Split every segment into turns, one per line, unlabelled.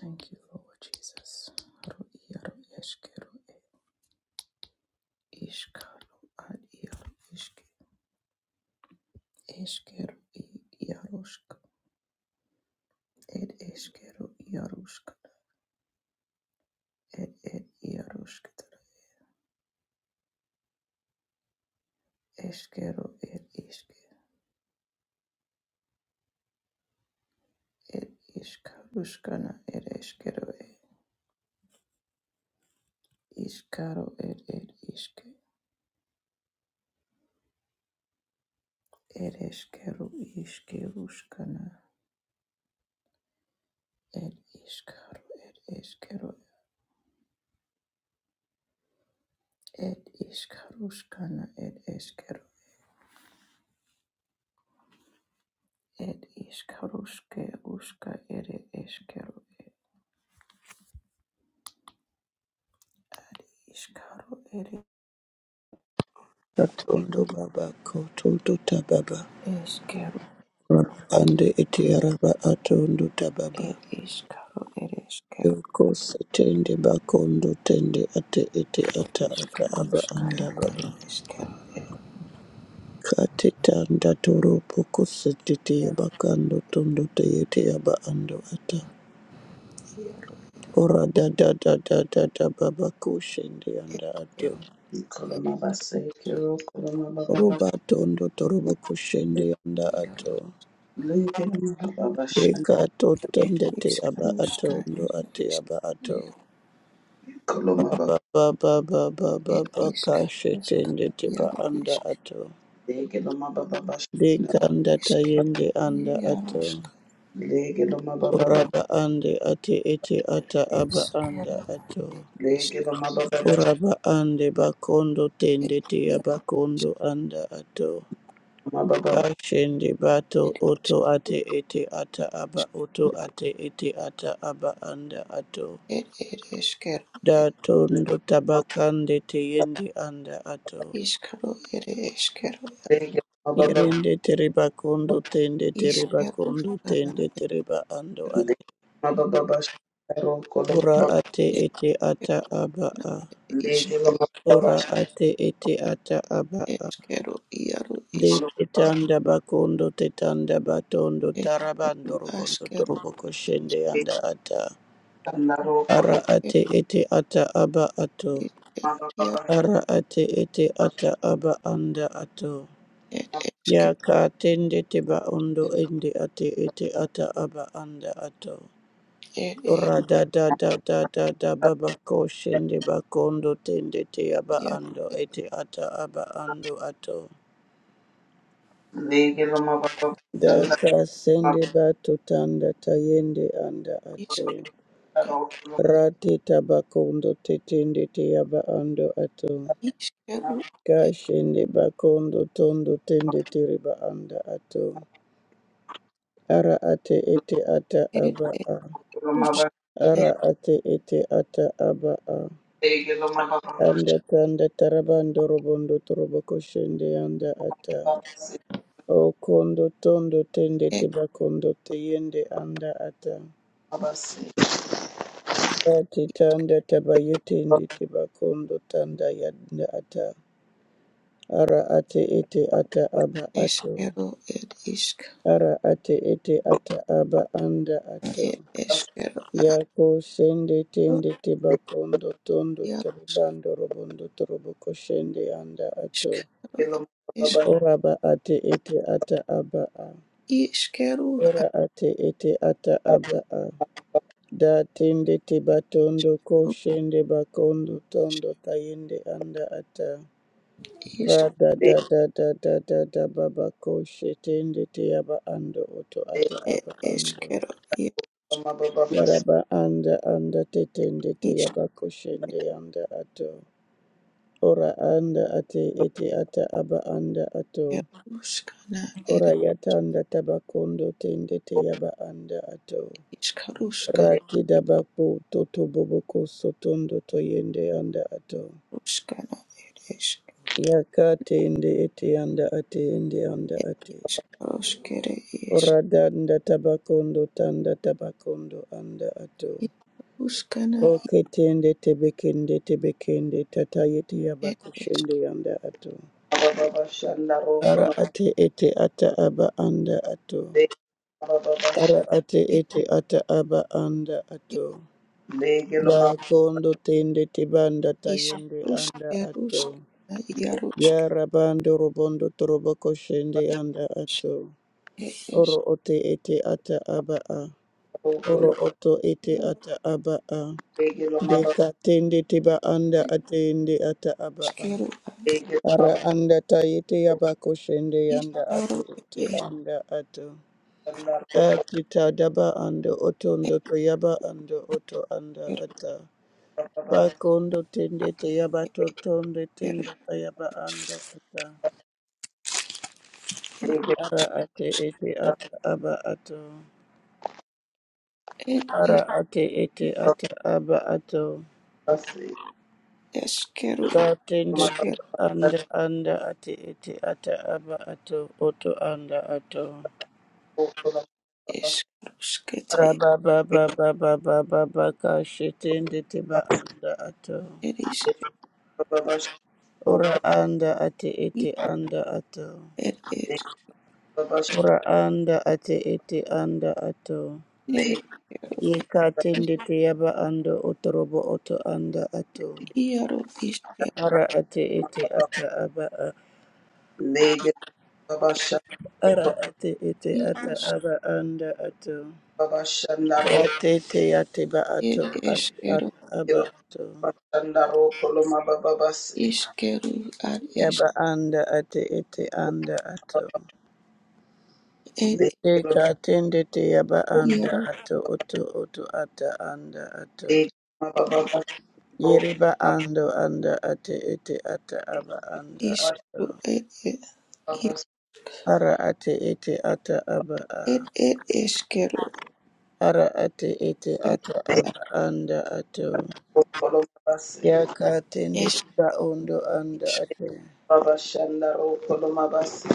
Thank you, Lord Jesus. Ro iaro eskero iskaro ad iaro iske eskero i iarosk ed eskero iarosk ed ed iarosk eskero ed iske ed iskaruskana ed eskero e iskaro ed ed iske ed eskero iskeruskana ed iskaro ed eskero ed iskaruskana ed eskero ed iskaruske uska ere eskero iskaro ere
Katondo baba kototo tababa
eskero
ande ete araba atondo tababa
ed iskaro ere eskero
doko setende bakondo tende ate ete ata aka aba
iskaruska
anda
ere
baba
eskero
kate tanda toro poko setete
ed
bakando tondo te ete aba ando ata
iaro
ora da da da da da da baba kushende anda ato
ed
Ikoloma baseke ro koloma baba
roba
bashe
tondo torobo kushende anda
iaro
ato
lege loma baba bashan
Deka to
ed
tendete aba ato
iskaruska
ndo
ere
ate aba ato.
eskero
koloma baba
Ba ba ba ba ba ba
ed
ba ka
iskaruska
shetendete ba
iaro
anda
isk
ato.
lege loma baba bashan
Deka anda
eskero
tayende anda ato.
iaruska
lege loma baba
Uraba
bashan
ande ate ete ata aba anda
eskero
ato.
ed isk
lege loma baba bashan
Uraba ande bakondo
ed
tendete
iaro
aba kondo anda ato.
loma baba bashan
Kashende bato
ed isk
oto ate ete ata aba oto ate ete ata aba anda ato.
ed ere eskero ed
da
lege
tondo tabakande teyende anda ato
iskaro ere eskero
loma baba
yerende tereba
bashan
kondo tende tereba
Ishkeru
kondo
shana
tende tereba ando
eskeru
lege
ate
loma baba bashan ro koloma
ora
baba
ate ete ata
erkekana
aba a
ishk
lege loma baba
ora
bashan
ate ete ata aba a
eskeru iaru
de
ishk
koloma baba
tetanda bakondo tetanda batondo
eskeru
tarabando robondo
askeru
torobo koshende anda ata
bashan ro
ara
koloma
et
ate ete ata aba ato
ish et
baba
iaru
ara ate ete
bashan
ata aba anda ato
et
Ya
eskeru
ka tende teba ondo
ere
ende ate ete ata aba anda ato.
et et
Ora da da da da da da baba ko shende bakondo tende te aba
iaru
ando ete ata aba ando ato.
lege loma baba bashan
eskeru
Da ka
erus
sende bato tanda tayende anda ato.
ishkeru ka
ro
Rate tabakondo te tende te aba ando ato.
ishkeru
Ka
et
shende bakondo tondo tende te riba anda ato. Ara ate ete ata
et
aba a.
koloma
erusk
baba
et
Ara ate ete ata aba a.
Degelo mababa
Anda tanda tarabando robondo torobo koshende anda ata.
basi
O kondo tondo tende
et
teba kondo te yende anda ata.
basi
Ati tanda taba yetende teba kondo tanda yanda ata. Ara ate ete ata aba ato.
eskeru et ishk
Ara ate ete ata aba anda ato.
et
basi
eskeru
Yako shende
aru
tende tebakondo tondo
iaru
toribando robondo toroboko shende anda ato.
ishkeru et
degelo mababa
ishk
Oraba ate ete ata aba a.
ishkeru
Ora ate ete ata aba a. Da tende tebatondo ko
ashkeru
shende bakondo tondo tayende anda ata. Ra da
basi
da da da da da da baba ko shetende te aba ando oto ata
degelo
Ed
aba ando.
eskero ir
mababa basi
Yaraba anda anda tetende te yaba koshende
iskeruskana
anda ato. Ora anda ate ete ata aba anda ato.
ed
Ora yata anda tabakondo tende te yaba anda ato.
iskaruskana
Raki dabapo toto boboko sotondo to yende anda ato.
iskaruskana ed esk
Yaka tende ete anda ate ende anda
ed
ate.
iskaruskere esk
Ora danda tabakondo tanda tabakondo anda ato.
iskaruskana
Oke tende tebekende tebekende tata yete yaba
ed esk
kushende anda ato.
mababa basi laro
Ara
kolo
ate ete ata aba anda ato.
mababa basi
Ara ate
ed
ete ata aba anda ato.
degelo
Ba
mababa
kondo tende tibanda tayende anda ato.
iskaruskeruskana
Ya
iarusk
rabando robondo torobo koshende
ed
anda ato. Oro
eskeru
ote ete ata aba a.
laro
Oro
kolo
oto ete ata aba a.
degelo mababa
Deka tende tiba anda
ed
atende ata aba a.
iskeru
degelo
Ara
mababa
anda tayete yaba koshende anda ate
iskaru ed
ete
esk
anda ato.
laro kolo
Akita daba ando otondo
eskeru
toyaba ando oto anda ata.
basi
Pakondo tende teyaba totonde
eskeru ed
tende teyaba ando ata.
degelo
Ara ate ete
mababa
ata aba ato.
ed
Ara
es
ate ete ata aba ato.
basi
eskeru
Ka tende
mababa
esker
teba anda anda ate ete ata aba ato oto anda ato.
laro kolo basi
eskaruskete
Ara baba baba baba baba ba ba teba anda ato.
ed isk
degelo mababa basi kolo
Ora anda ate ete anda ato.
It is
degelo basi
Ora anda ate ete anda ato.
it
degelo
Yeka
is
tende te yaba ando otorobo oto anda ato.
iaro isker
Ara ate ete
mababa
ata aba a.
degelo mababa
Ara ate ete ata
iarus
aba anda ato.
basi
Ate te ate ba
it
ato ate
iskero
ata aba
Kilo
ato.
Bashandaro Koloma Bababasi.
iskeru ad es
Yaba anda ate ete anda ato.
et
The Kilo
Deka tende te yaba anda
iarus
ato oto oto ata anda ato.
Bababasi.
Yeriba ando anda ate ete ata aba anda ato.
iskeru et et iar-
Bababasi.
Ara ate ete ata aba
et
a.
et iskeru
Ara ate ete
iar
ata
ad
aba anda ato.
Koloma Basi.
Yaka tende tiba ondo anda
isk
ate
Babashandaro Koloma Basi.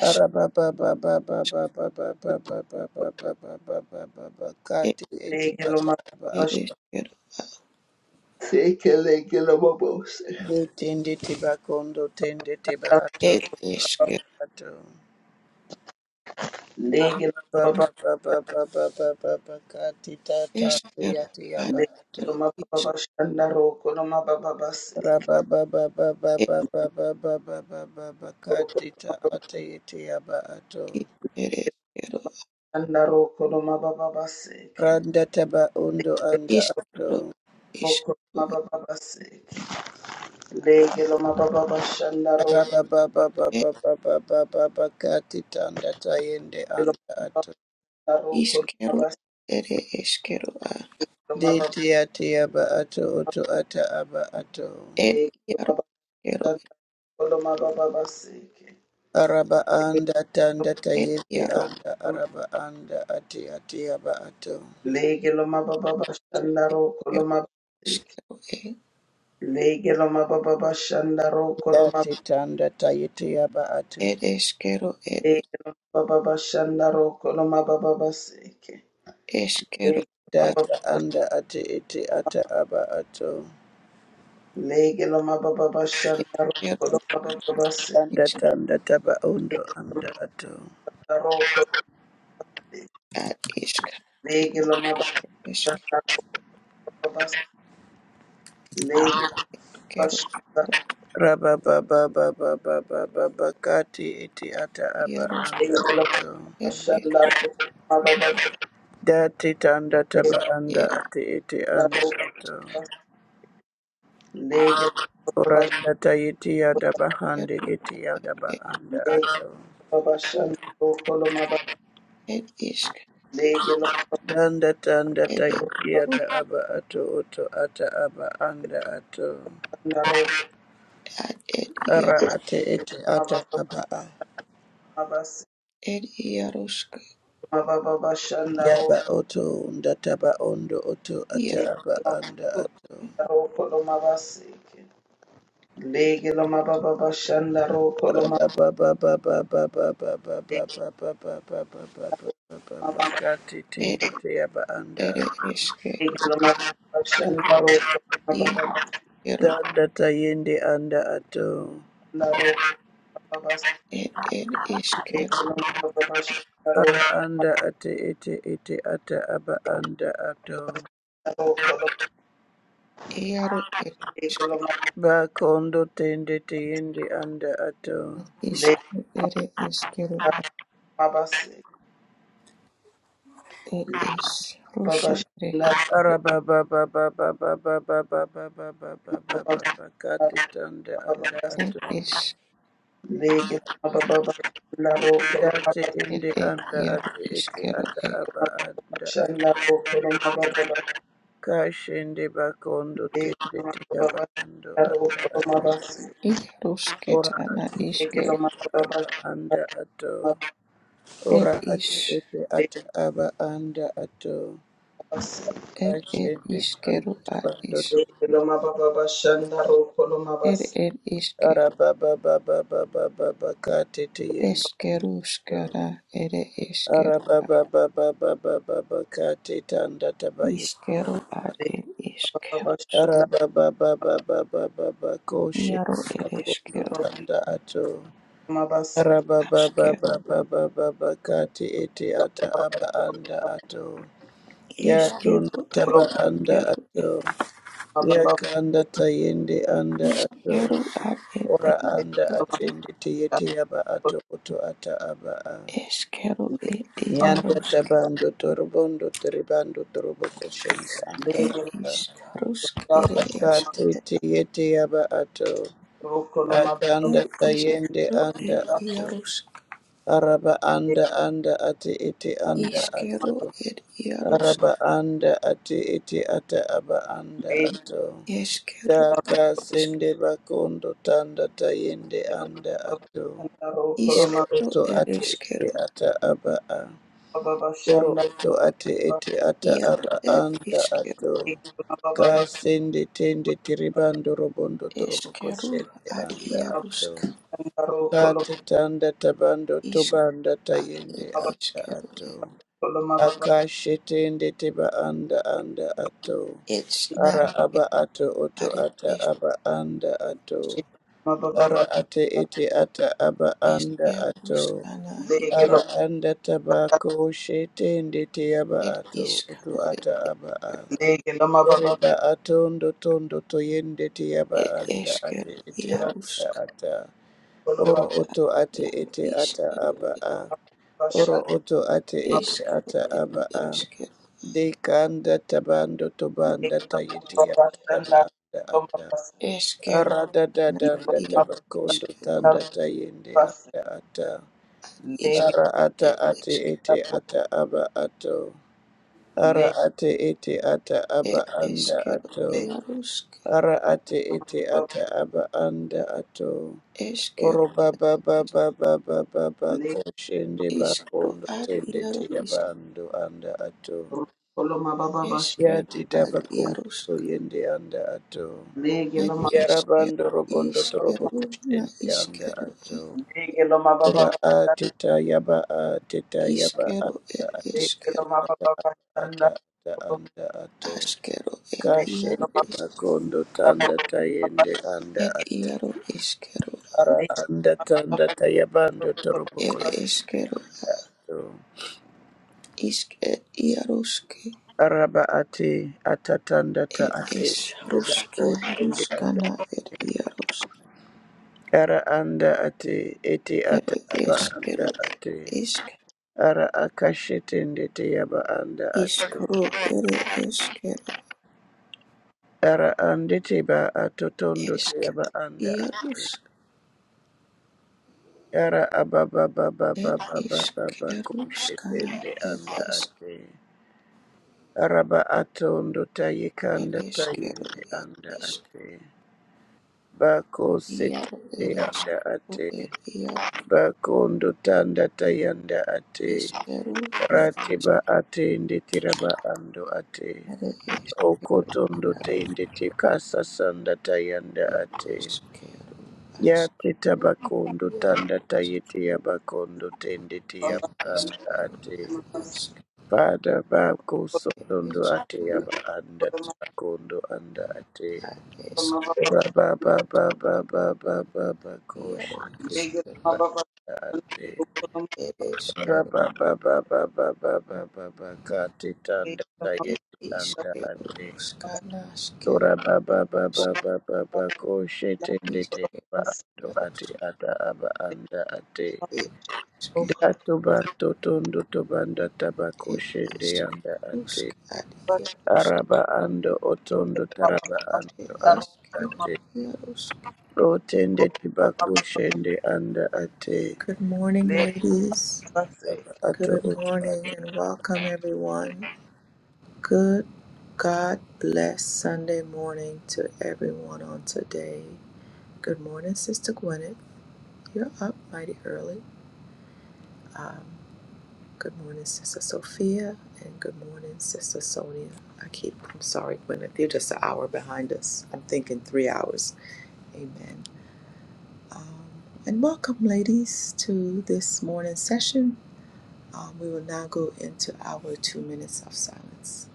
ask
Ara ba ba ba ba ba
isk
ba ba ba ba ba ba ba ba ba ba ba ba ba
et
kati ete
The Kilo
ata aba
et
ato.
Bababasi.
iskeru ad
The Kilo Bababasi. The Kilo Bababasi.
Do tende tiba kondo tende tiba ato
et isker
ato. ba ba ba ba
The Kilo
ba ba ba ba ba ka ti ta ta ti
iskeru
ya ti ya
ad
ba tu
isk
Babashandaro Koloma Bababasi.
ra ba ba ba ba ba
et
ba ba ba ba ba ba ba ba ka ti ta a ti ya ti ya ba a tu
it et
Babashandaro
iskeru
Koloma Bababasi.
randa ta ba
The
undo anda a
iskeru
tu
Kilo Koloma Bababasi. Lege lo mababa bashanda ro
ra ba ba ba ba ba ba ba ba ba ba ka ti ta anda ta yende
lo
anda a
mababa
tu
ro kolo
Iskero
mabas
ere eskero a
lo
de
mababa
ti ya ti ya ba a tu utu ata aba a tu
ed
lege lo
iaro eskero,
mabashanda kolo mababa baseke
araba anda tanda
ed
tayete
iaro
anda araba anda ati ati aba ato
lege lo mababa bashanda ro kolo
eskero,
mabaseke
eskero e,
lege lo mababa bashanda ro kolo mab
Dati tanda tayiti aba atu.
ed eskero ed
lege lo mababa bashanda ro kolo mababa baseke
eskero iaro
Data anda ati iti ata aba atu.
lege lo mababa lege lo mababa bashanda ro kolo
eskero,
mababa baseke
Tanda
isk
tanda taba undo
lege lo
anda atu.
mababa ro
ad isk
lege lo mababa bashanda ro, Lege
eskero
başında
iaro
Raba baba baba baba baba kati iti ata aba
iaro
anda
lege
atu.
ed es
başında baba baba
Dati tanda
lege
taba anda ati iti
la
anda
roka
atu.
lege baş
Uranda tayiti yadaba
ed
handi
iaro
iti yadaba
ed
anda
lege
atu.
başında rokolo maba
ed isk
lege
Danda tanda
ed es
tayiti yada
ut
aba atu utu ata aba anda atu.
başında roka
ad ed ia
Ara ate ete
baba
ata aba a.
baba
ed iaro sk
baba başında
Yaba oto ndataba ondo oto ata
iaro
aba
roka
anda ato.
rokolo maba seke, lege la maba baba başında rokolo maba
Araba ba ba ba ba ba ba ba ba ba ba ba ba ba ba ba ba ba ba kati
ed
tindi te yaba anda
ere
ato.
eske
lege maba başında roka baba baba
iero
Danda tayende anda ato.
başında roka baba
ed ed
lege
eskero
baba başında
Ara
roka
anda ate ete ete ata aba anda ato.
rokolo
Iaro ir
lege la
Ba kondo tende teyende anda ato.
maba
iškaru ir iškaru
babasi
ir
baba
išruškaru
shinda
ir
baba
Kati tanda
baba
ir iš
lege baba baba la ro kolo
Dati
baba
ir
indi
ir
anda
iaro
ati iti
iškaru
ata
ir
aba
baba
anda ata.
shanda ro kolo baba baba
Kashindi bakondo
lege
tindi
baba
tiya
baba
bakando
la ro
ata
kolo
ata.
baba
Ora
iarušketana
ati iti
lege
iškaru
baba baba
aba
shanda
anda ato.
baba
ir
Ora
iš
ati iti ata aba anda ato.
babasi
ir
Kashindi
iškaru
tanda
ar
tabando
iš
tobondo.
baba shanda ro kolo baba
ir ir iške
Ara baba baba baba baba kati tiyindi. ando
iškaruškara ir iškaru ar
Arabababababababakatitanda tabayita.
iškaru ar
lege
ir
baba baba
iškaru
shanda
Arabababababababakoshe
iaro ir
akondo
iškaru
ro kolo
tanda ato.
baba
aškaru
Arabababababababakati iti ata aba anda ato. Ya tunda
iškaru ar
ro kolo
taba anda
iškaru ir
ato.
baba
Ya
baba
kanda tayende anda ato. Ora
lege
anda
baba
atende tiyete
shanda
yaba ato oto ata aba a.
Eskero ir
Nyanda
iarosk
ro
tabando torobondo teribando torobo koshende anda
ir
baba
iskarosk ir esk
katete yeti yaba ato atanda
ir
tayende
iskaro
anda
ir
ato
iarosk
araba anda anda ati iti anda
iskero
ato
ir iarosk
araba anda ati iti ata aba anda ato
eskero ir
daka
isk
sende bakondo tanda tayende anda ato oro
Legelo
iskaro
oto
ir
ate ete
eskero
ata aba a. Oro oto ate ete ata
iaro
aba
ir
anda
iskero
ato. Ka sende tende tiribando robondo torobo
eskero
koshende
ar
anda ato.
iarosk
Ka tetanda tabando
iskaro
tobanda
ar
tayende
ir
anda
eskero
ato. Akashe tende teba anda anda ato. Ara aba
etsnaskero
ato oto
ar ir
ata
esk
aba anda ato. Ara ate ete ata aba anda ato.
eskeruskana
Ara
iaro
anda tabako shete ndete yaba
ir
ato oto
iskaro
ata aba a.
Lege
Oreba ato ndo tondo to yende yaba
Ed
anda ate
eskero,
ete anda
iarusk,
ata. Oro oto ate
iaru
ete ata
iskero,
aba a. Oro oto ate ete
iskero,
ata
ed
aba a.
eskero,
Deka anda tabando tobanda tayete yaba taba anda ata.
eskero,
Ara da da
ana,
da anda
iaru
tabakondo
iskero,
tanda tayende anda ata.
is,
Ara ata
ed
ati
eskero,
ete ata aba ato. Ara ati ete ata aba
ed
anda
eskero,
ato.
iarusk,
Ara ati ete ata aba anda ato.
eskero,
Oro baba
is,
baba baba baba
Legeloma
koshende
iskero,
bakondo
ad
tende
iaru
tia
isk,
bando anda ato.
baba bash,
eskero,
Yati
ad
tabakondo to
iarusk,
yende anda ato.
ed
legeloma,
eskero,
Yarabando robondo torobo
iskero, na
koshende anda
iskero, ed
ato.
legeloma baba
Ora
bash,
ateta yaba ateta yaba
iskero,
anda
ed
ate ete
eskero,
legeloma
ata
baba bash,
ata
legeloma
ata
baba bash,
anda ato.
askero, ed iaru
Kashende
legeloma baba
isk,
makondo
bash,
tanda tayende anda
ed
ato.
iaru iskero.
Ara anda tanda tayabando torobo
It
kondo
is
ete
Kero
anda ato.
Iske Iaroske.
Araba ate atatanda ta
It
ate.
is
Boba
Ruske
koshende anda.
Ruskana It Iaros.
Ara anda ate ete ata
It
aba
is
anda
Kero
ate.
Isk
Ara akashete ndete yaba anda ate.
Iskro It is Kero
Yara ande te ba atotondo te
Isk
anda ate.
Iaros.
Yara ababa baba
It
baba
is
baba kushe
Keruskana It
anda
is
ate. Araba atondo taye
It
kanda
is Kero
tayende
It
anda
is
ate. Bako
Iaro
sete
It is
anda
Kero
ate.
It Iaro
Bakondo tanda tayanda ate.
Iskeru Na
Ratiba ate ndetiraba ando ate.
It is
Okotondo tende te sanda tayanda ate.
Iaros Kero As
Yate tabakondo tanda
Iaros
tayete yabakondo tende te
it is
yabanda
Kero.
ate.
Ishq,
Father bako sotondo
ishq,
ate yaba anda tabakondo anda ate.
ishq,
legeloma
Baba baba baba baba bako
yaro,
shite
ishq,
baba
banda ate.
er, ishq, er,
Baba baba baba baba baba kate tanda tayete anda
ishq,
ate. Ora baba baba baba bako shite ndete yaba ando ate ata aba anda ate.
er, ishq,
Dato bato tobanda tabako
er,
shende
ishq,
anda ate.
usk, ad, yaro,
Araba ando otondo taraba
er,
ando anda ate. Otende tibako shende anda ate.
Good morning, ladies.
Aba Ato
Good
oto ate.
morning and welcome, everyone. Good God bless Sunday morning to everyone on today. Good morning, Sister Gwyneth. You're up mighty early. Um, good morning, Sister Sophia, and good morning, Sister Sonia. I keep, I'm sorry, Gwyneth, you're just an hour behind us. I'm thinking three hours. Amen. Um, and welcome, ladies, to this morning session. Um, we will now go into our two minutes of silence.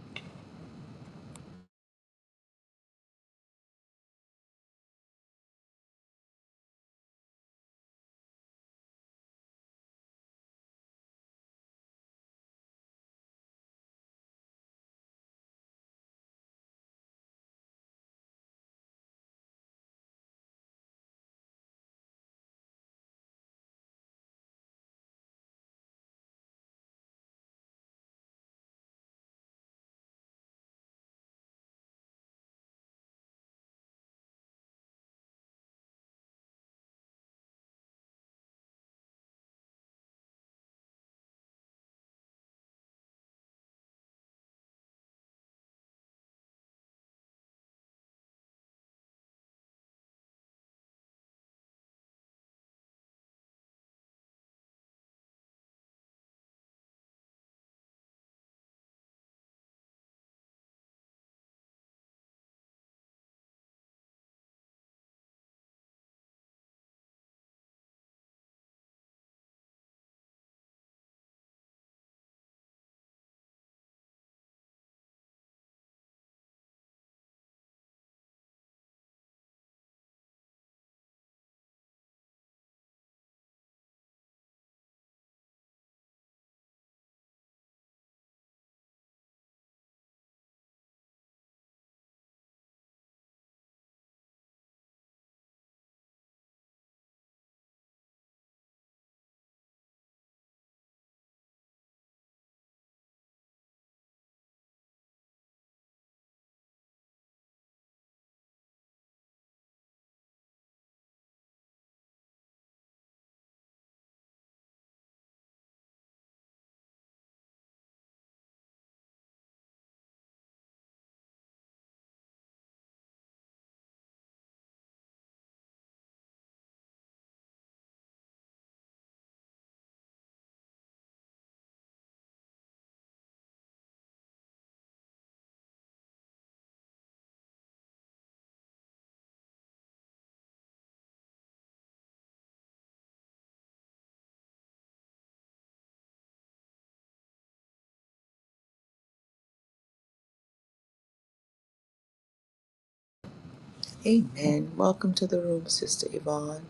Amen. Welcome to the room, Sister Yvonne.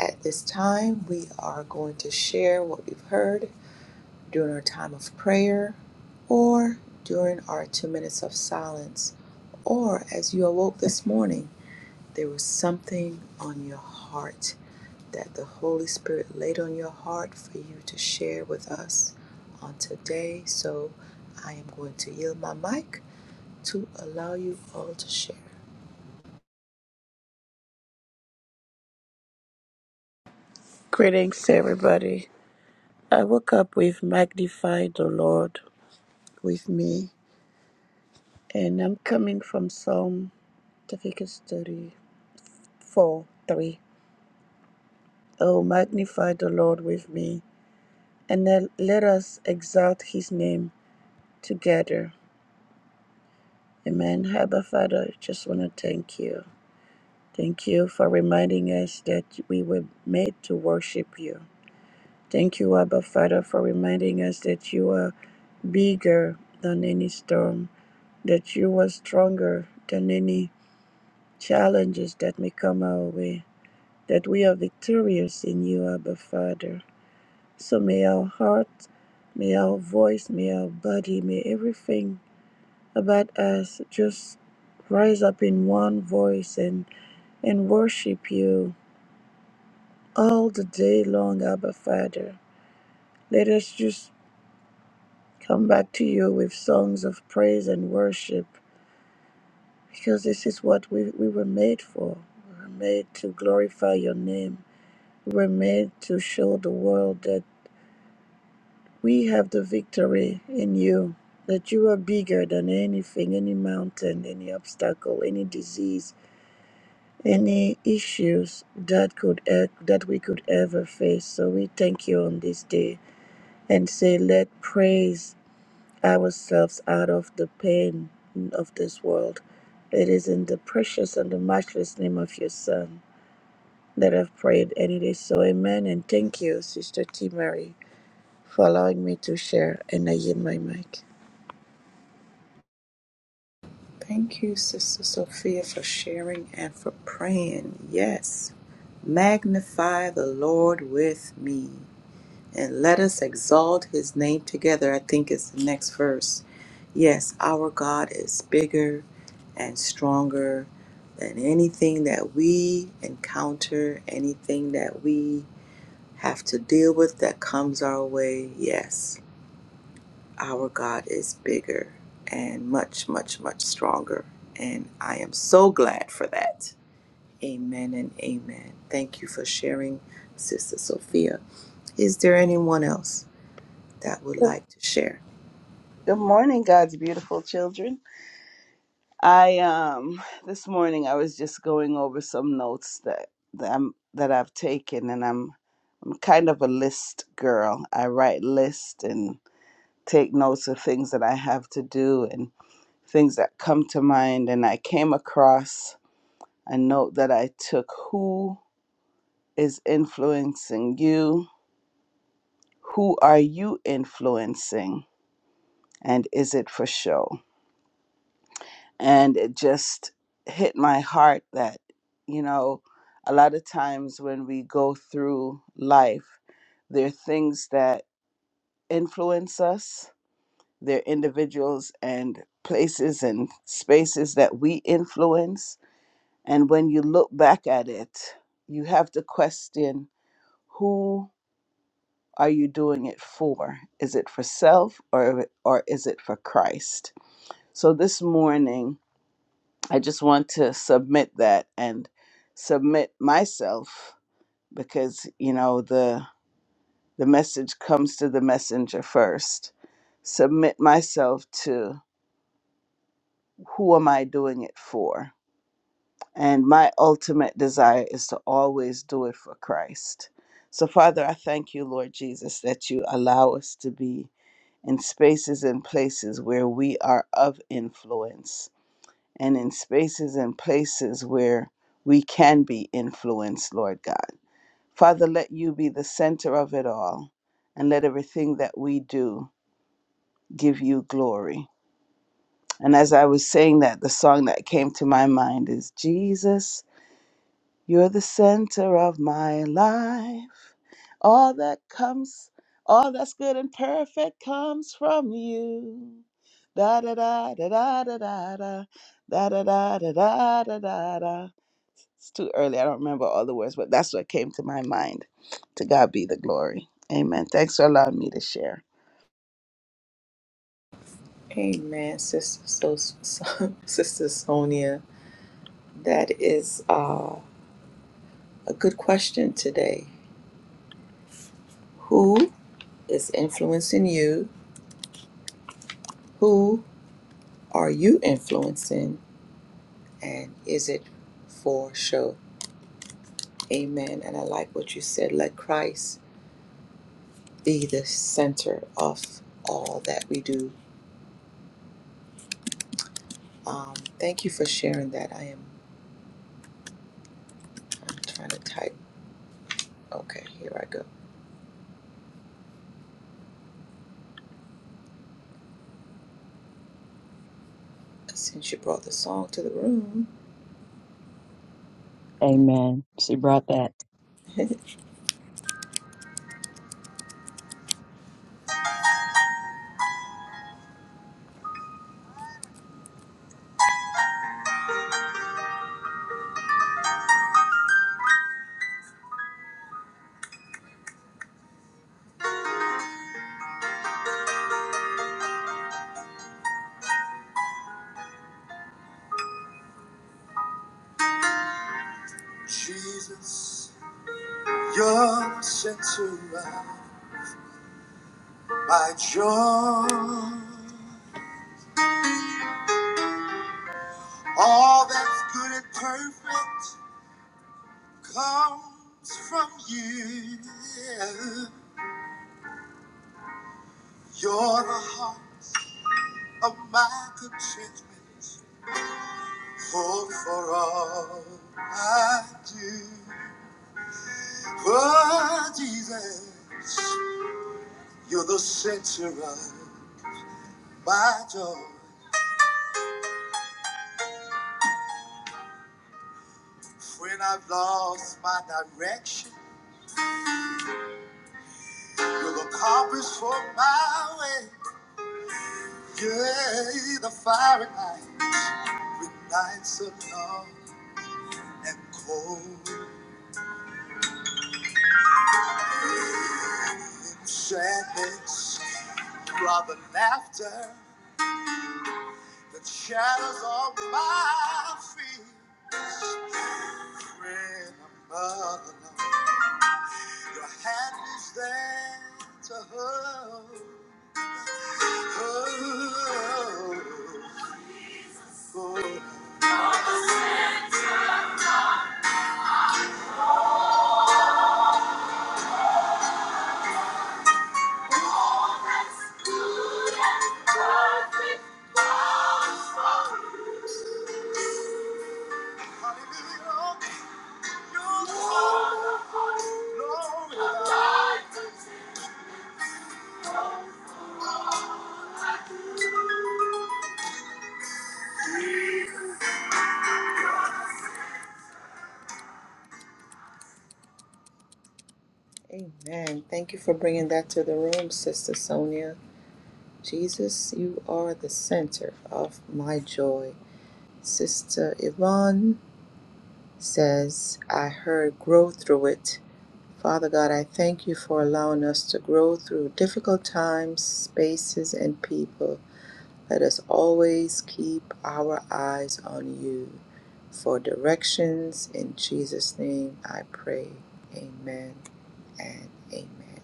At this time, we are going to share what we've heard during our time of prayer or during our two minutes of silence, or as you awoke this morning, there was something on your heart that the Holy Spirit laid on your heart for you to share with us on today. So I am going to yield my mic to allow you all to share.
Greetings everybody. I woke up with magnify the Lord with me and I'm coming from Psalm Leviticus 34, 3. Oh, magnify the Lord with me and let let us exalt his name together. Amen. Abba Father, just want to thank you. Thank you for reminding us that we were made to worship you. Thank you, Abba Father, for reminding us that you are bigger than any storm, that you are stronger than any challenges that may come our way, that we are victorious in you, Abba Father. So may our heart, may our voice, may our body, may everything about us. Just rise up in one voice and, and worship you all the day long, Abba Father. Let us just come back to you with songs of praise and worship because this is what we, we were made for. We were made to glorify your name. We were made to show the world that we have the victory in you, that you are bigger than anything, any mountain, any obstacle, any disease any issues that could e- that we could ever face. So we thank you on this day and say, let praise ourselves out of the pain of this world. It is in the precious and the matchless name of your Son that I've prayed, and it is so. Amen. And thank you, Sister T. Mary, for allowing me to share and I yield my mic.
Thank you, Sister Sophia, for sharing and for praying. Yes, magnify the Lord with me. and let us exalt his name together. I think it's the next verse. Yes, our God is bigger and stronger than anything that we encounter, anything that we have to deal with that comes our way. Yes, our God is bigger and much, much, much stronger. And I am so glad for that. Amen and amen. Thank you for sharing, Sister Sophia. Is there anyone else? that would like to share?
Good morning, God's beautiful children. I um this morning I was just going over some notes that that, I'm, that I've taken, and I'm I'm kind of a list girl. I write lists and take notes of things that I have to do and things that come to mind. And I came across a note that I took: Who is influencing you? Who are you influencing? And is it for show? and it just hit my heart that you know a lot of times when we go through life there are things that influence us there are individuals and places and spaces that we influence and when you look back at it you have to question who are you doing it for is it for self or or is it for Christ so this morning I just want to submit that and submit myself because you know the the message comes to the messenger first. Submit myself to who am I doing it for? And my ultimate desire is to always do it for Christ. So Father, I thank you, Lord Jesus, that you allow us to be in spaces and places where we are of influence and in spaces and places where we can be influenced, Lord God. Father, let you be the center of it all and let everything that we do give you glory. And as I was saying that, the song that came to my mind is Jesus. You're the center of my life. All that comes, all that's good and perfect comes from you. Da da da da da da da da da da da da da da da da. It's too early. I don't remember all the words, but that's what came to my mind. To God be the glory. Amen. Thanks for allowing me to share.
Amen, Sister, so, so, Sister Sonia. That is uh, a good question today. Who is influencing you? Who are you influencing? And is it for show? Amen. And I like what you said. Let Christ be the center of all that we do. Um, thank you for sharing that. I am I'm trying to type. Okay, here I go. Since you brought the song to the room,
Amen. She brought that.
Jesus, you're the center of my joy. All that's good and perfect comes from you. You're the heart of my contentment, hope for all I do. Oh, Jesus, you're the center of my joy. When I've lost my direction, you're the compass for my way. You're the fire at night, when nights are long and cold in sadness. You are the laughter that shadows on my feet. When I'm all alone, your hand is there to hold. hold. Amen. Thank you for bringing that to the room, Sister Sonia. Jesus, you are the center of my joy. Sister Yvonne says, I heard grow through it. Father God, I thank you for allowing us to grow through difficult times, spaces, and people. Let us always keep our eyes on you for directions. In Jesus' name I pray. Amen and amen.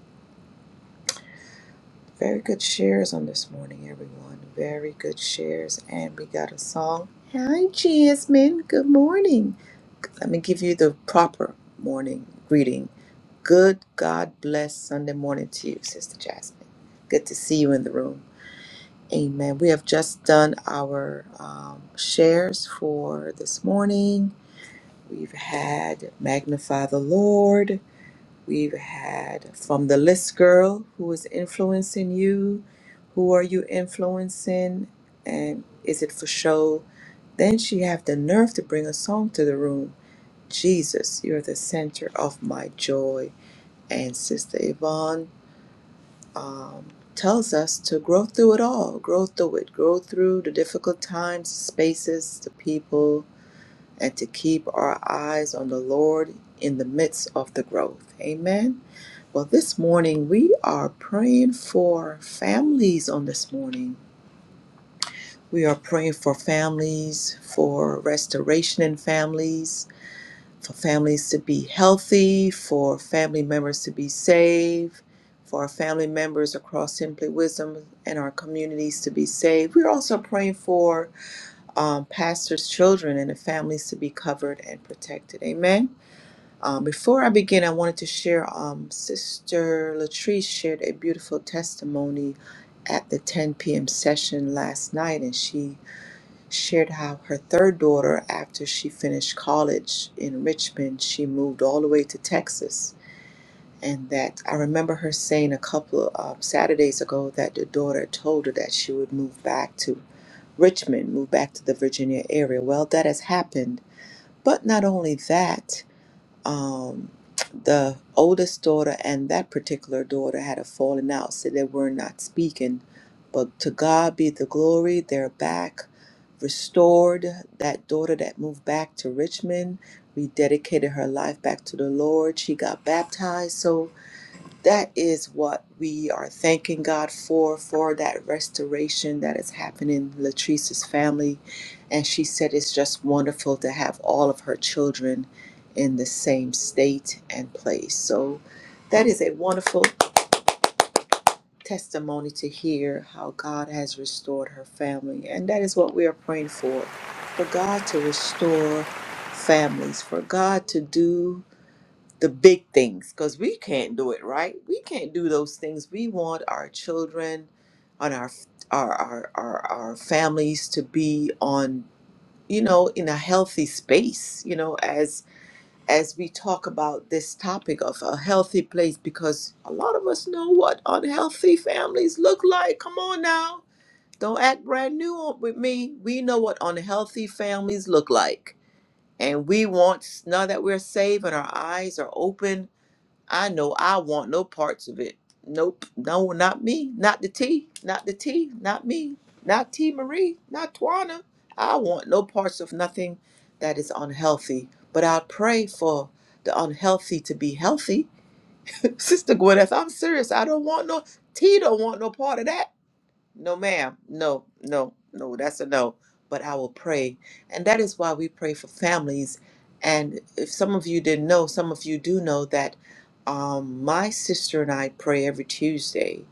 Very good shares on this morning, everyone. Very good shares. And we got a song. Hi, Jasmine. Good morning. Let me give you the proper morning greeting. Good God bless Sunday morning to you, Sister Jasmine. Good to see you in the room. Amen. We have just done our um, shares for this morning. We've had Magnify the Lord. We've had From the List Girl, who is influencing you. Who are you influencing? And is it for show? Then she have the nerve to bring a song to the room. Jesus, you're the center of my joy. And Sister Yvonne um, tells us to grow through it all, grow through it, grow through the difficult times, spaces, the people, and to keep our eyes on the Lord in the midst of the growth. Amen. Well, this morning we are praying for families on this morning. We are praying for families, for restoration in families, for families to be healthy, for family members to be saved, for our family members across Simply Wisdom and our communities to be saved. We're also praying for um, pastors' children and the families to be covered and protected. Amen. Um, before I begin, I wanted to share um, Sister Latrice shared a beautiful testimony at the 10 p.m. session last night, and she shared how her third daughter, after she finished college in Richmond, she moved all the way to Texas. And that I remember her saying a couple of um, Saturdays ago that the daughter told her that she would move back to Richmond, move back to the Virginia area. Well, that has happened. But not only that, um, the oldest daughter and that particular daughter had a falling out, so they were not speaking. But to God be the glory, they're back, restored. That daughter that moved back to Richmond rededicated her life back to the Lord. She got baptized. So, that is what we are thanking God for, for that restoration that is happening in Latrice's family. And she said it's just wonderful to have all of her children in the same state and place. So that is a wonderful testimony to hear how God has restored her family. And that is what we are praying for for God to restore families, for God to do the big things because we can't do it right we can't do those things we want our children and our our our our, our families to be on you know in a healthy space you know as as we talk about this topic of a healthy place because a lot of us know what unhealthy families look like come on now don't act brand new on- with me we know what unhealthy families look like and we want now that we're saved and our eyes are open I know I want no parts of it. Nope. No, not me. Not the T. Not the T. Not me. Not T Marie. Not Twana. I want no parts of nothing that is unhealthy. But I pray for the unhealthy to be healthy. Sister Gwyneth, I'm serious. I don't want no T don't want no part of that. No, ma'am. No, no, no. That's a no. But I will pray. And that is why we pray for families. And if some of you didn't know, some of you do know that um, my sister and I pray every Tuesday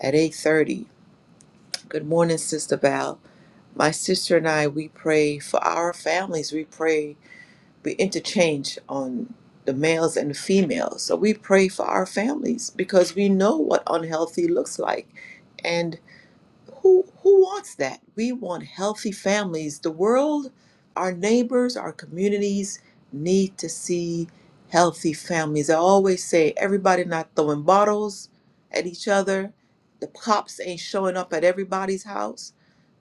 at 8.30. Good morning, Sister Val. My sister and I, we pray for our families. We pray, we interchange on the males and the females. So we pray for our families because we know what unhealthy looks like who who wants that? We want healthy families. The world, our neighbors, our communities need to see healthy families. I always say everybody not throwing bottles at each other. The cops ain't showing up at everybody's house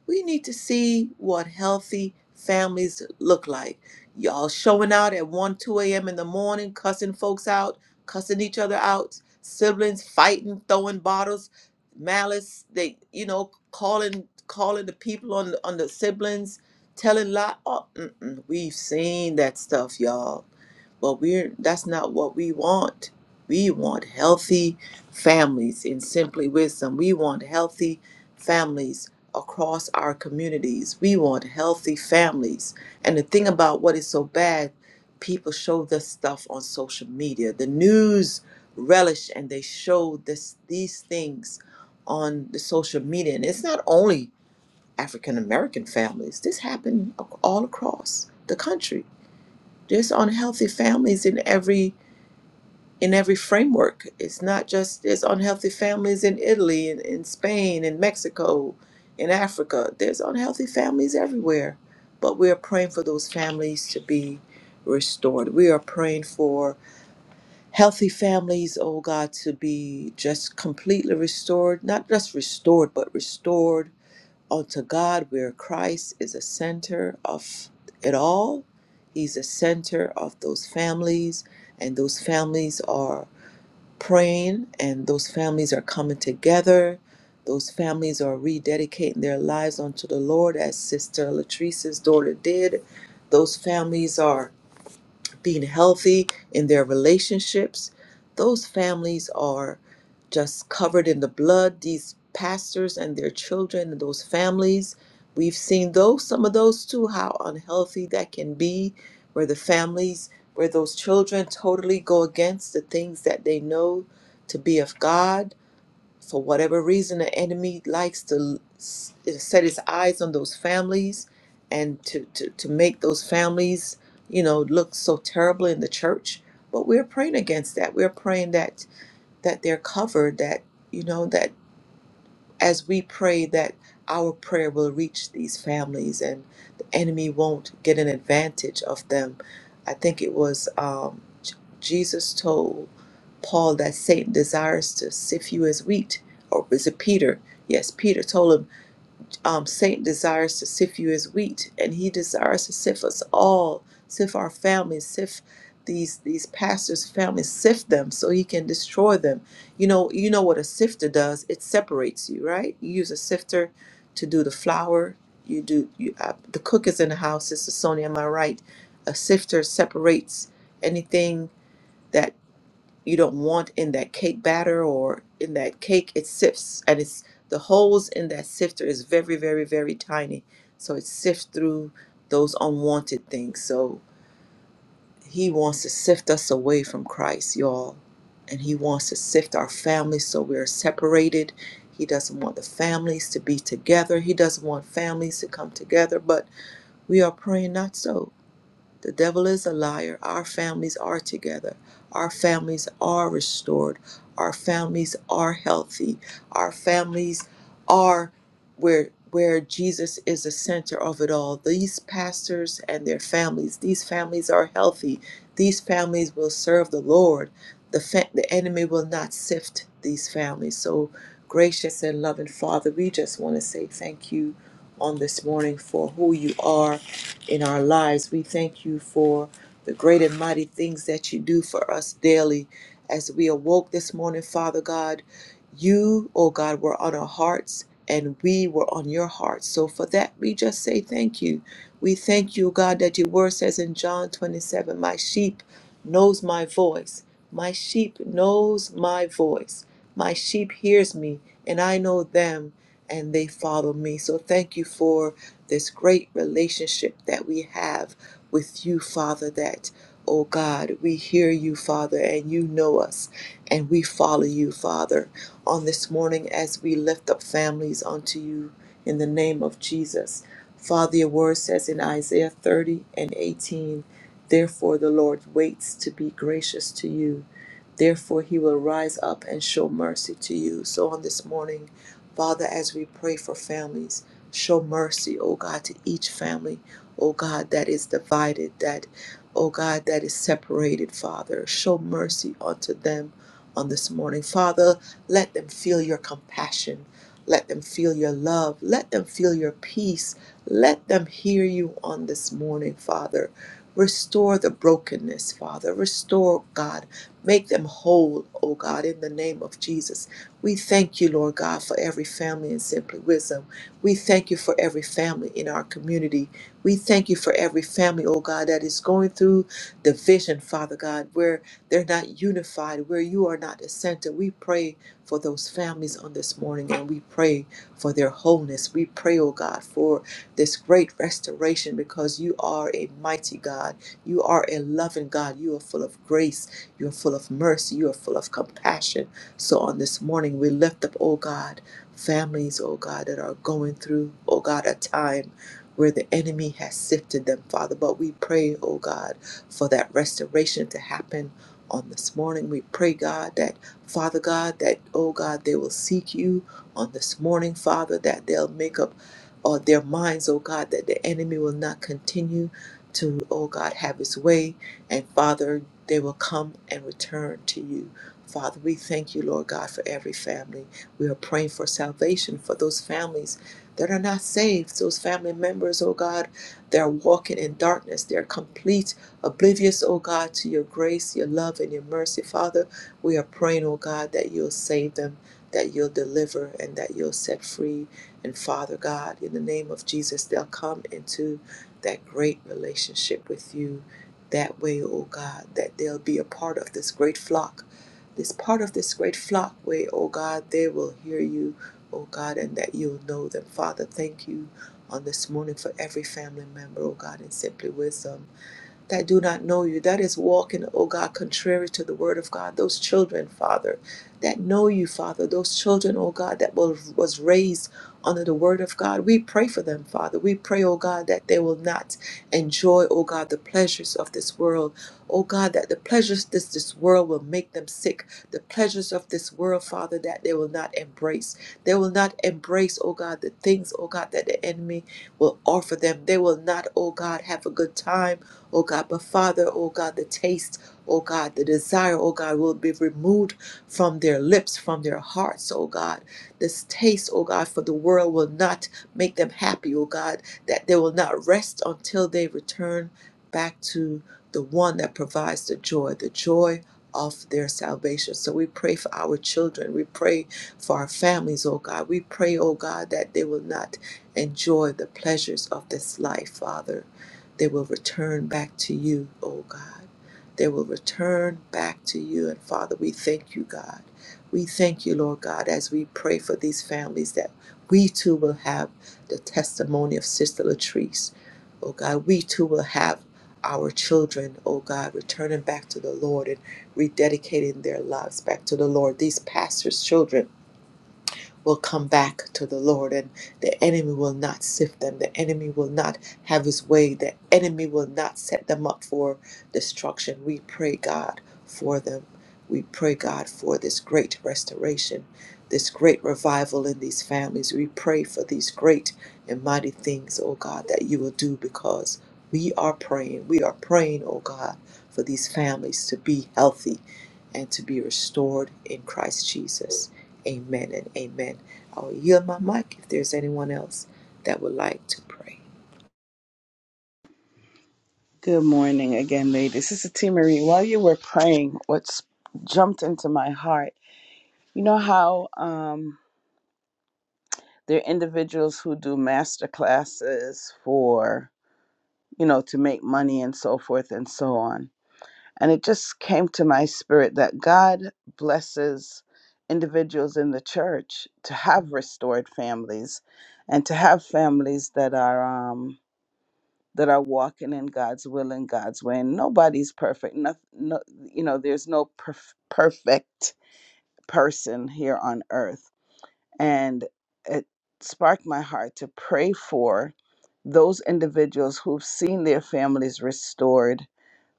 we need to see what healthy families look like. Y'all showing out at 1, 2 a.m. in the morning, cussing folks out, cussing each other out, siblings fighting, throwing bottles, malice, they, you know, calling calling the people on the, on the siblings, telling lie. Oh, mm-mm, we've seen that stuff, y'all. But we're that's not what we want. We want healthy families in simply wisdom. We want healthy families across our communities. We want healthy families. And the thing about what is so bad, people show this stuff on social media. The news relish and they show this these things on the social media. And it's not only African American families. This happened ac- all across the country. There's unhealthy families in every in every framework. It's not just there's unhealthy families in Italy and in Spain and Mexico in Africa. There's unhealthy families everywhere. But we are praying for those families to be restored. We are praying for healthy families, oh God, to be just completely restored. Not just restored, but restored unto God where Christ is a center of it all. He's a center of those families and those families are praying and those families are coming together those families are rededicating their lives unto the lord as sister latrice's daughter did those families are being healthy in their relationships. Those families are just covered in the blood. These pastors and their children and those families, we've seen those, some of those too, how unhealthy that can be, where the families, where those children totally go against the things that they know to be of God for whatever reason, the enemy likes to s- set his eyes on those families and to, to, to make those families, you know, look so terrible in the church. But we're praying against that. We're praying that that they're covered, that, you know, that as we pray that our prayer will reach these families and the enemy won't get an advantage of them. I think it was um, J- Jesus told Paul that Satan desires to sift you as wheat, or was it Peter? Yes, Peter told him um, Satan desires to sift you as wheat, and he desires to sift us all, sift our families, sift these these pastors' families, sift them so he can destroy them. You know, you know what a sifter does? It separates you, right? You use a sifter to do the flour. You do you, uh, the cook is in the house. Sister Sonia, am I right? A sifter separates anything. that you don't want in that cake batter or in that cake it sifts and it's the holes in that sifter is very very very tiny so it sifts through those unwanted things so he wants to sift us away from christ y'all and he wants to sift our families so we're separated he doesn't want the families to be together he doesn't want families to come together but we are praying not so the devil is a liar. Our families are together. Our families are restored. Our families are healthy. Our families are where where Jesus is the center of it all. These pastors and their families, these families are healthy. These families will serve the Lord. The fa- the enemy will not sift these families. So gracious and loving Father, we just want to say thank you on this morning for who you are in our lives. We thank you for the great and mighty things that you do for us daily. As we awoke this morning, Father God, you, oh God, were on our hearts and we were on your hearts. So for that, we just say thank you. We thank you, God, that your word says in John 27, My sheep knows my voice. My sheep knows my voice. My sheep hears me, and I know them, and they follow me. So thank you for this great relationship that we have with you, Father, that, oh God, we hear you, Father, and you know us, and we follow you, Father, on this morning as we lift up families unto you in the name of Jesus. Father, your word says in Isaiah 30 and 18, Therefore the Lord waits to be gracious to you. Therefore he will rise up and show mercy to you. So on this morning, Father, as we pray for families, show mercy, oh God, to each family, oh God, that is divided, that, oh God, that is separated, Father. Show mercy unto them on this morning. Father, let them feel your compassion. Let them feel your love. Let them feel your peace. Let them hear you on this morning, Father. Restore the brokenness, Father. Restore, God. Make them whole, oh God, in the name of Jesus. We thank you, Lord God, for every family in Simply Wisdom. We thank you for every family in our community. We thank you for every family, oh God, that is going through division, Father God, where they're not unified, where you are not the center. We pray for those families on this morning and we pray for their wholeness. We pray, oh God, for this great restoration because you are a mighty God. You are a loving God. You are full of grace. You are full of mercy. You are full of compassion. So on this morning, we lift up, oh God, families, oh God, that are going through, oh God, a time where the enemy has sifted them, Father. But we pray, oh God, for that restoration to happen on this morning. We pray, God, that, Father God, that, oh God, they will seek you on this morning, Father, that they'll make up uh, their minds, oh God, that the enemy will not continue to, oh God, have his way. And Father, they will come and return to you. Father, we thank you, Lord God, for every family. We are praying for salvation for those families that are not saved, those family members, oh God, that are walking in darkness. They're complete, oblivious, oh God, to your grace, your love, and your mercy. Father, we are praying, oh God, that you'll save them, that you'll deliver, and that you'll set free. And Father God, in the name of Jesus, they'll come into that great relationship with you. That way, oh God, that they'll be a part of this great flock this part of this great flock way, oh God, they will hear you, oh God, and that you'll know them. Father, thank you on this morning for every family member, oh God, in Simply Wisdom that do not know you. That is walking, oh God, contrary to the word of God. Those children, Father, that know you, Father, those children, oh God, that was, was raised under the word of God. We pray for them, Father. We pray, oh God, that they will not enjoy, oh God, the pleasures of this world. Oh God, that the pleasures of this this world will make them sick. The pleasures of this world, Father, that they will not embrace. They will not embrace, oh God, the things, oh God, that the enemy will offer them. They will not, oh God, have a good time oh God. But Father, oh God, the taste, oh God, the desire, oh God, will be removed from their lips, from their hearts, oh God. This taste, oh God, for the world will not make them happy, oh God, that they will not rest until they return back to the one that provides the joy, the joy of their salvation. So we pray for our children. We pray for our families, oh God. We pray, oh God, that they will not enjoy the pleasures of this life, Father they will return back to you, O God. They will return back to you. And Father, we thank you, God. We thank you, Lord God, as we pray for these families that we too will have the testimony of Sister Latrice. Oh God, we too will have our children, oh God, returning back to the Lord and rededicating their lives back to the Lord. These pastors' children will come back to the Lord, and the enemy will not sift them. The enemy will not have his way. The enemy will not set them up for destruction. We pray, God, for them. We pray, God, for this great restoration, this great revival in these families. We pray for these great and mighty things, oh God, that you will do because we are praying. We are praying, oh God, for these families to be healthy and to be restored in Christ Jesus. Amen and amen. I'll yield my mic if there's anyone else that would like to pray.
Good morning again, ladies. This is T Marie. While you were praying, what's jumped into my heart? You know how um They're individuals who do master classes for, you know, to make money and so forth and so on. And it just came to my spirit that God blesses individuals in the church to have restored families and to have families that are um that are walking in God's will and God's way. And nobody's perfect. No, no, you know, there's no perf- perfect person here on earth. And it sparked my heart to pray for those individuals who've seen their families restored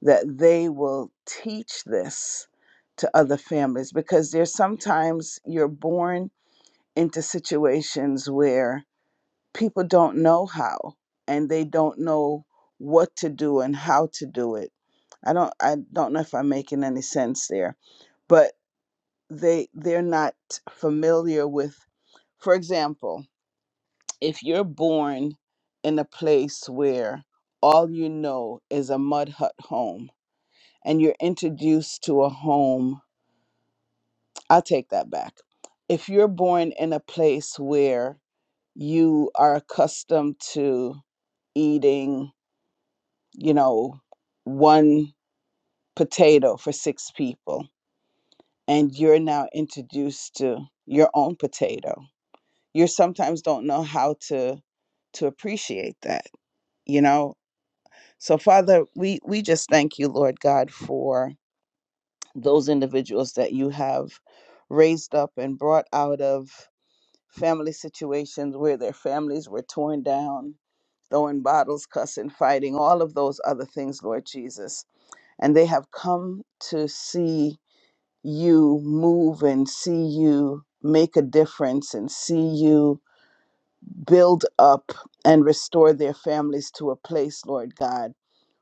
that they will teach this to other families because there's sometimes you're born into situations where people don't know how and they don't know what to do and how to do it. I don't I don't know if I'm making any sense there, but they they're not familiar with for example, if you're born in a place where all you know is a mud hut home and you're introduced to a home, I'll take that back. If you're born in a place where you are accustomed to eating, you know, one potato for six people, and you're now introduced to your own potato, you sometimes don't know how to to appreciate that, you know, So, Father, we, we just thank you, Lord God, for those individuals that you have raised up and brought out of family situations where their families were torn down, throwing bottles, cussing, fighting, all of those other things, Lord Jesus. And they have come to see you move and see you make a difference and see you build up and restore their families to a place, Lord God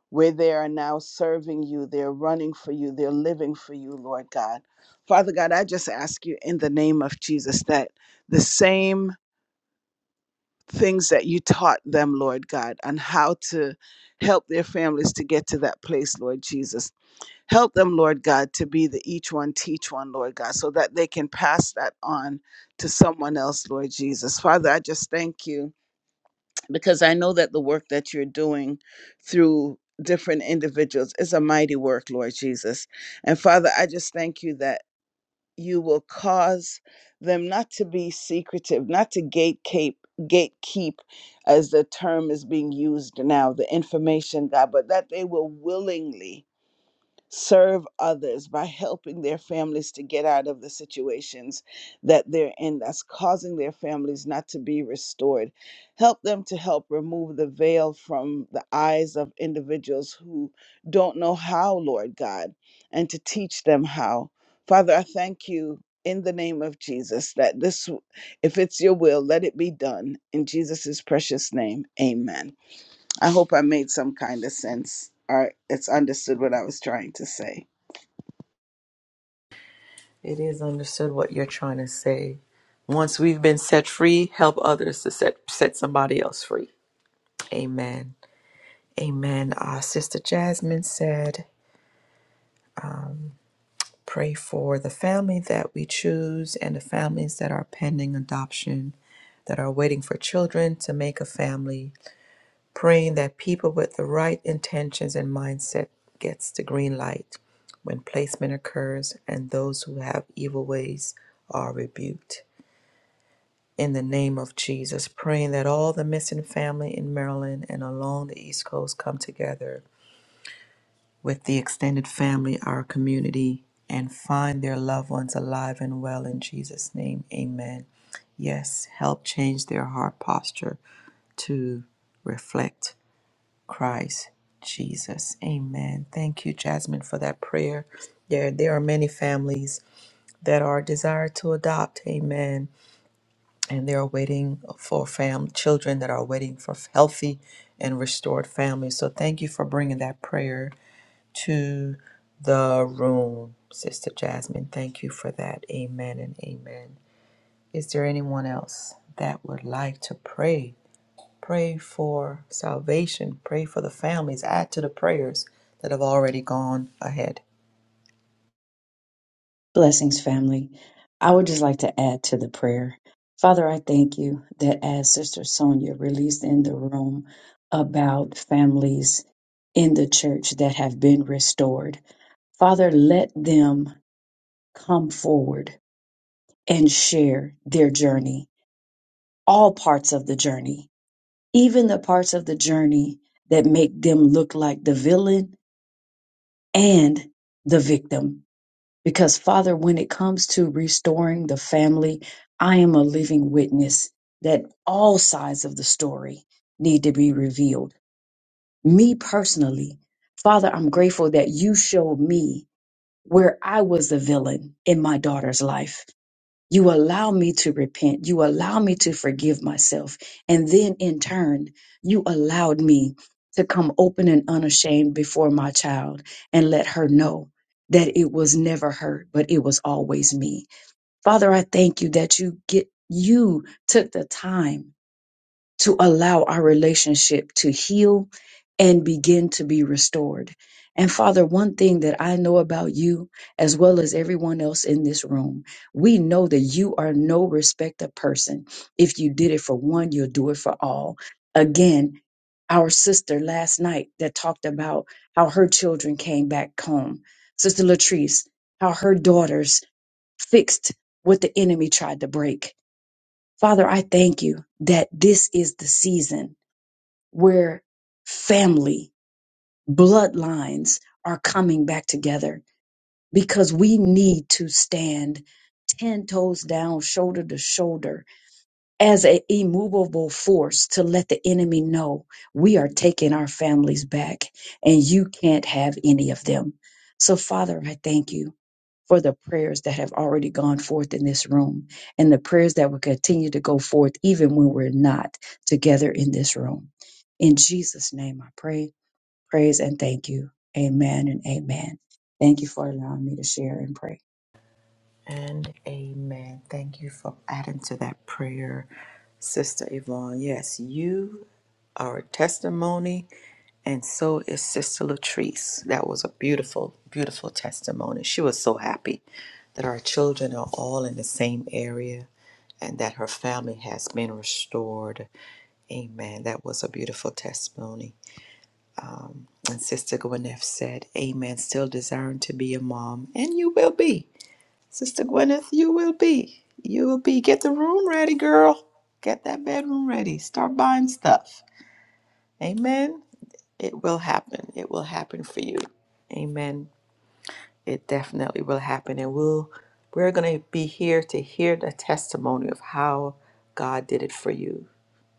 where they are now serving you, they're running for you, they're living for you, Lord God. Father God, I just ask you in the name of Jesus that the same things that you taught them, Lord God, on how to help their families to get to that place, Lord Jesus. Help them, Lord God, to be the each one teach one, Lord God, so that they can pass that on to someone else, Lord Jesus. Father, I just thank you because I know that the work that you're doing through different individuals is a mighty work, Lord Jesus. And Father, I just thank you that you will cause them not to be secretive, not to gatekeep gatekeep as the term is being used now the information god but that they will willingly serve others by helping their families to get out of the situations that they're in that's causing their families not to be restored. Help them to help remove the veil from the eyes of individuals who don't know how, Lord God, and to teach them how. Father, I thank you in the name of Jesus that this, if it's your will, let it be done. In Jesus' precious name, amen. I hope I made some kind of sense or it's understood what I was trying to say.
It is understood what you're trying to say. Once we've been set free, help others to set set somebody else free. Amen. Amen. Our sister Jasmine said, pray for the family that we choose and the families that are pending adoption, that are waiting for children to make a family. praying that people with the right intentions and mindset gets the green light when placement occurs and those who have evil ways are rebuked in the name of jesus praying that all the missing family in maryland and along the east coast come together with the extended family our community and find their loved ones alive and well in jesus name amen yes help change their heart posture to reflect Christ Jesus. Amen. Thank you, Jasmine, for that prayer. There, there are many families that are desired to adopt. Amen. And they are waiting for fam children that are waiting for healthy and restored families. So thank you for bringing that prayer to the room, Sister Jasmine. Thank you for that. Amen and amen. Is there anyone else that would like to pray? Pray for salvation. Pray for the families. Add to the prayers that have already gone ahead.
Blessings, family. I would just like to add to the prayer. Father, I thank you that as Sister Sonia released in the room about families in the church that have been restored, Father, let them come forward and share their journey, all parts of the journey, even the parts of the journey that make them look like the villain and the victim Because, Father, when it comes to restoring the family, I am a living witness that all sides of the story need to be revealed. Me personally, Father, I'm grateful that you showed me where I was the villain in my daughter's life you allow me to repent. You allow me to forgive myself. And then in turn, you allowed me to come open and unashamed before my child and let her know that it was never her, but it was always me. Father, I thank you that you get, you took the time to allow our relationship to heal and begin to be restored. And Father, one thing that I know about you, as well as everyone else in this room, we know that you are no respecter of person. If you did it for one, you'll do it for all. Again, our sister last night that talked about how her children came back home, Sister Latrice, how her daughters fixed what the enemy tried to break. Father, I thank you that this is the season where family, bloodlines are coming back together because we need to stand 10 toes down, shoulder to shoulder, as an immovable force to let the enemy know we are taking our families back and you can't have any of them. So, Father, I thank you for the prayers that have already gone forth in this room and the prayers that will continue to go forth even when we're not together in this room. In Jesus' name, I pray, praise, and thank you. Amen and amen. Thank you for allowing me to share and pray.
And amen. Thank you for adding to that prayer, Sister Yvonne. Yes, you are a testimony, and so is Sister Latrice. That was a beautiful, beautiful testimony. She was so happy that our children are all in the same area and that her family has been restored. Amen. That was a beautiful testimony. Um, and Sister Gwyneth said, Amen, still desiring to be a mom. And you will be. Sister Gwyneth, you will be. You will be. Get the room ready, girl. Get that bedroom ready. Start buying stuff. Amen. It will happen. It will happen for you. Amen. It definitely will happen. And we'll we're gonna be here to hear the testimony of how God did it for you.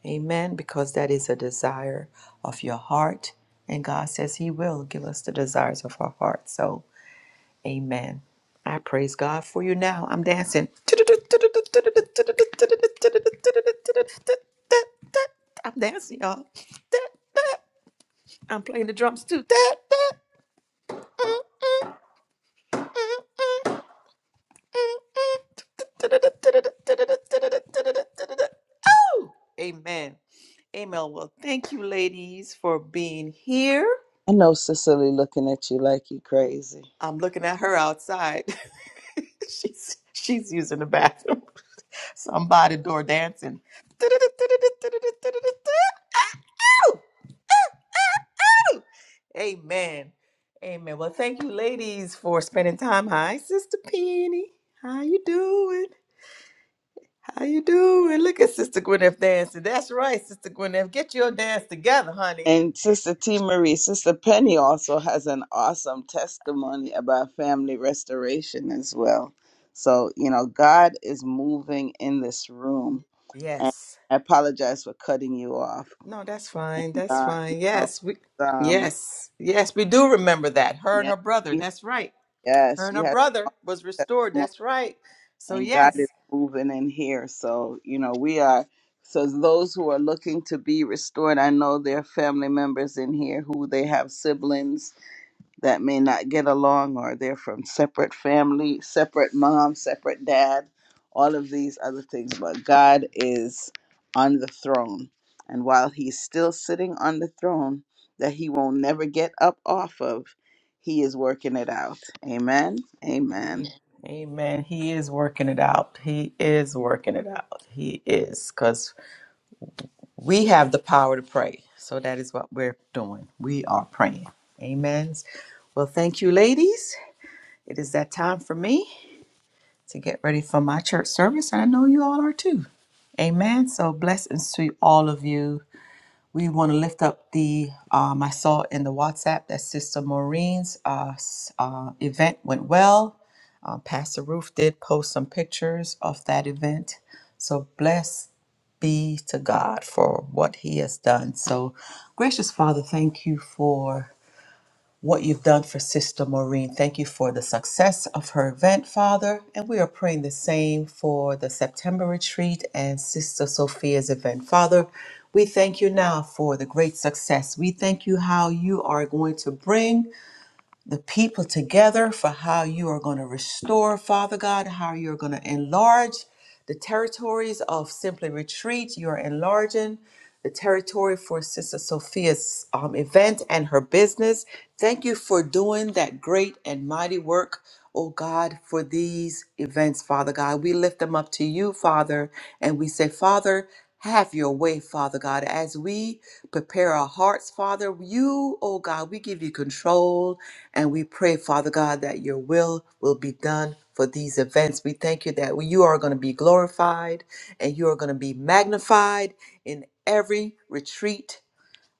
Amen. Because that is a desire of your heart. And God says He will give us the desires of our heart. So, Amen. I praise God for you now. I'm dancing. I'm dancing, y'all. I'm playing the drums too. Oh, amen. Amen. Well, thank you, ladies, for being here.
I know Cicely looking at you like you crazy.
I'm looking at her outside. she's she's using the bathroom. Somebody door dancing. Ow! Ow! Amen. Amen. Well, thank you, ladies, for spending time. Hi, Sister Penny. How you doing? How you
Hey
doing? Look at Sister Gwyneth dancing. That's right, Sister Gwyneth. Get your dance together, honey.
And Sister T. Marie, Sister Penny also has an awesome testimony about family restoration as well. So, you know, God is moving in this room. And
Yes.
I apologize for cutting you off.
No, that's fine.
And,
That's
uh, you
fine.
know,
Yes, we.
um,
Yes, yes, we do remember that. Her and
yeah,
her brother.
yes,
That's right. Her and
she
her
has
brother was
a
restored. That's right. So
and God is
yes.
moving in here. So, you know, we are, so those who are looking to be restored, I know there are family members in here who they have siblings that may not get along or they're from separate family, separate mom, separate dad, all of these other things. But God is on the throne. And while he's still sitting on the throne that he will not never get up off of, he is working it out. Amen. Amen.
A- Amen. He is working it out. He is working it out. He is because we have the power to pray. So that is what we're doing. We are praying. Amen. Well, thank you, ladies. It is that time for me to get ready for my church service, and I know you all are too. Amen. So blessings to all of you. We want to lift up the um, I saw in the WhatsApp that Sister Maureen's uh, s- uh, event went well. Uh, Pastor Roof did post some pictures of that event. So blessed be to God for what He has done. So gracious Father, thank you for what you've done for Sister Maureen. Thank you for the success of her event, Father. And we are praying the same for the September retreat and Sister Sophia's event. Father, we thank you now for the great success. We thank you how you are going to bring the people together for how you are going to restore, Father God, how you're going to enlarge the territories of Simply Retreat. You're enlarging the territory for Sister Sophia's um, event and her business. Thank you for doing that great and mighty work. Oh God, for these events, Father God, we lift them up to you, Father, and we say, Father, have your way, Father God, as we prepare our hearts, Father. You, oh God, we give you control and we pray, Father God, that your will will be done for these events. We thank you that you are going to be glorified and you are going to be magnified in every retreat.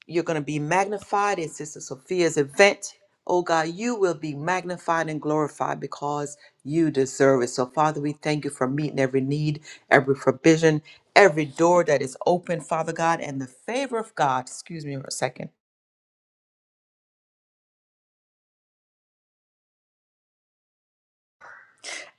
You're going to be magnified in Sister Sophia's event. Oh God, you will be magnified and glorified because you deserve it. So, Father, we thank you for meeting every need, every provision, every door that is open, Father God, and the favor of God. Excuse me for a second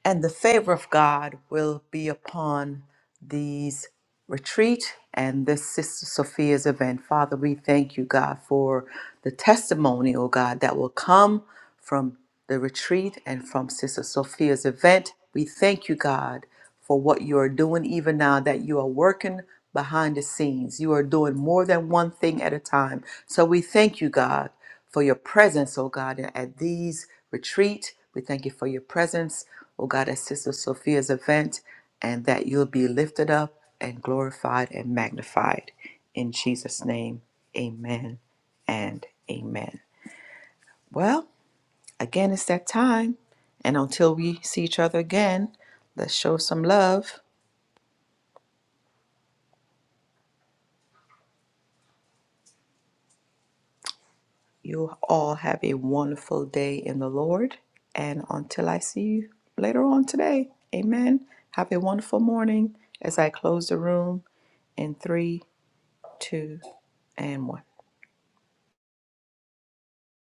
And the favor of God will be upon these retreat and this Sister Sophia's event. Father, we thank you, God, for the testimony, oh God, that will come from the retreat and from Sister Sophia's event. We thank you, God, for what you are doing even now, that you are working behind the scenes. You are doing more than one thing at a time. So we thank you, God for your presence, oh God, at these retreat. We thank you for your presence, oh God, at Sister Sophia's event, and that you'll be lifted up and glorified and magnified. In Jesus' name, amen and amen. Well, again, it's that time. And until we see each other again, let's show some love. You all have a wonderful day in the Lord. And until I see you later on today, amen. Have a wonderful morning as I close the room in three, two, and one.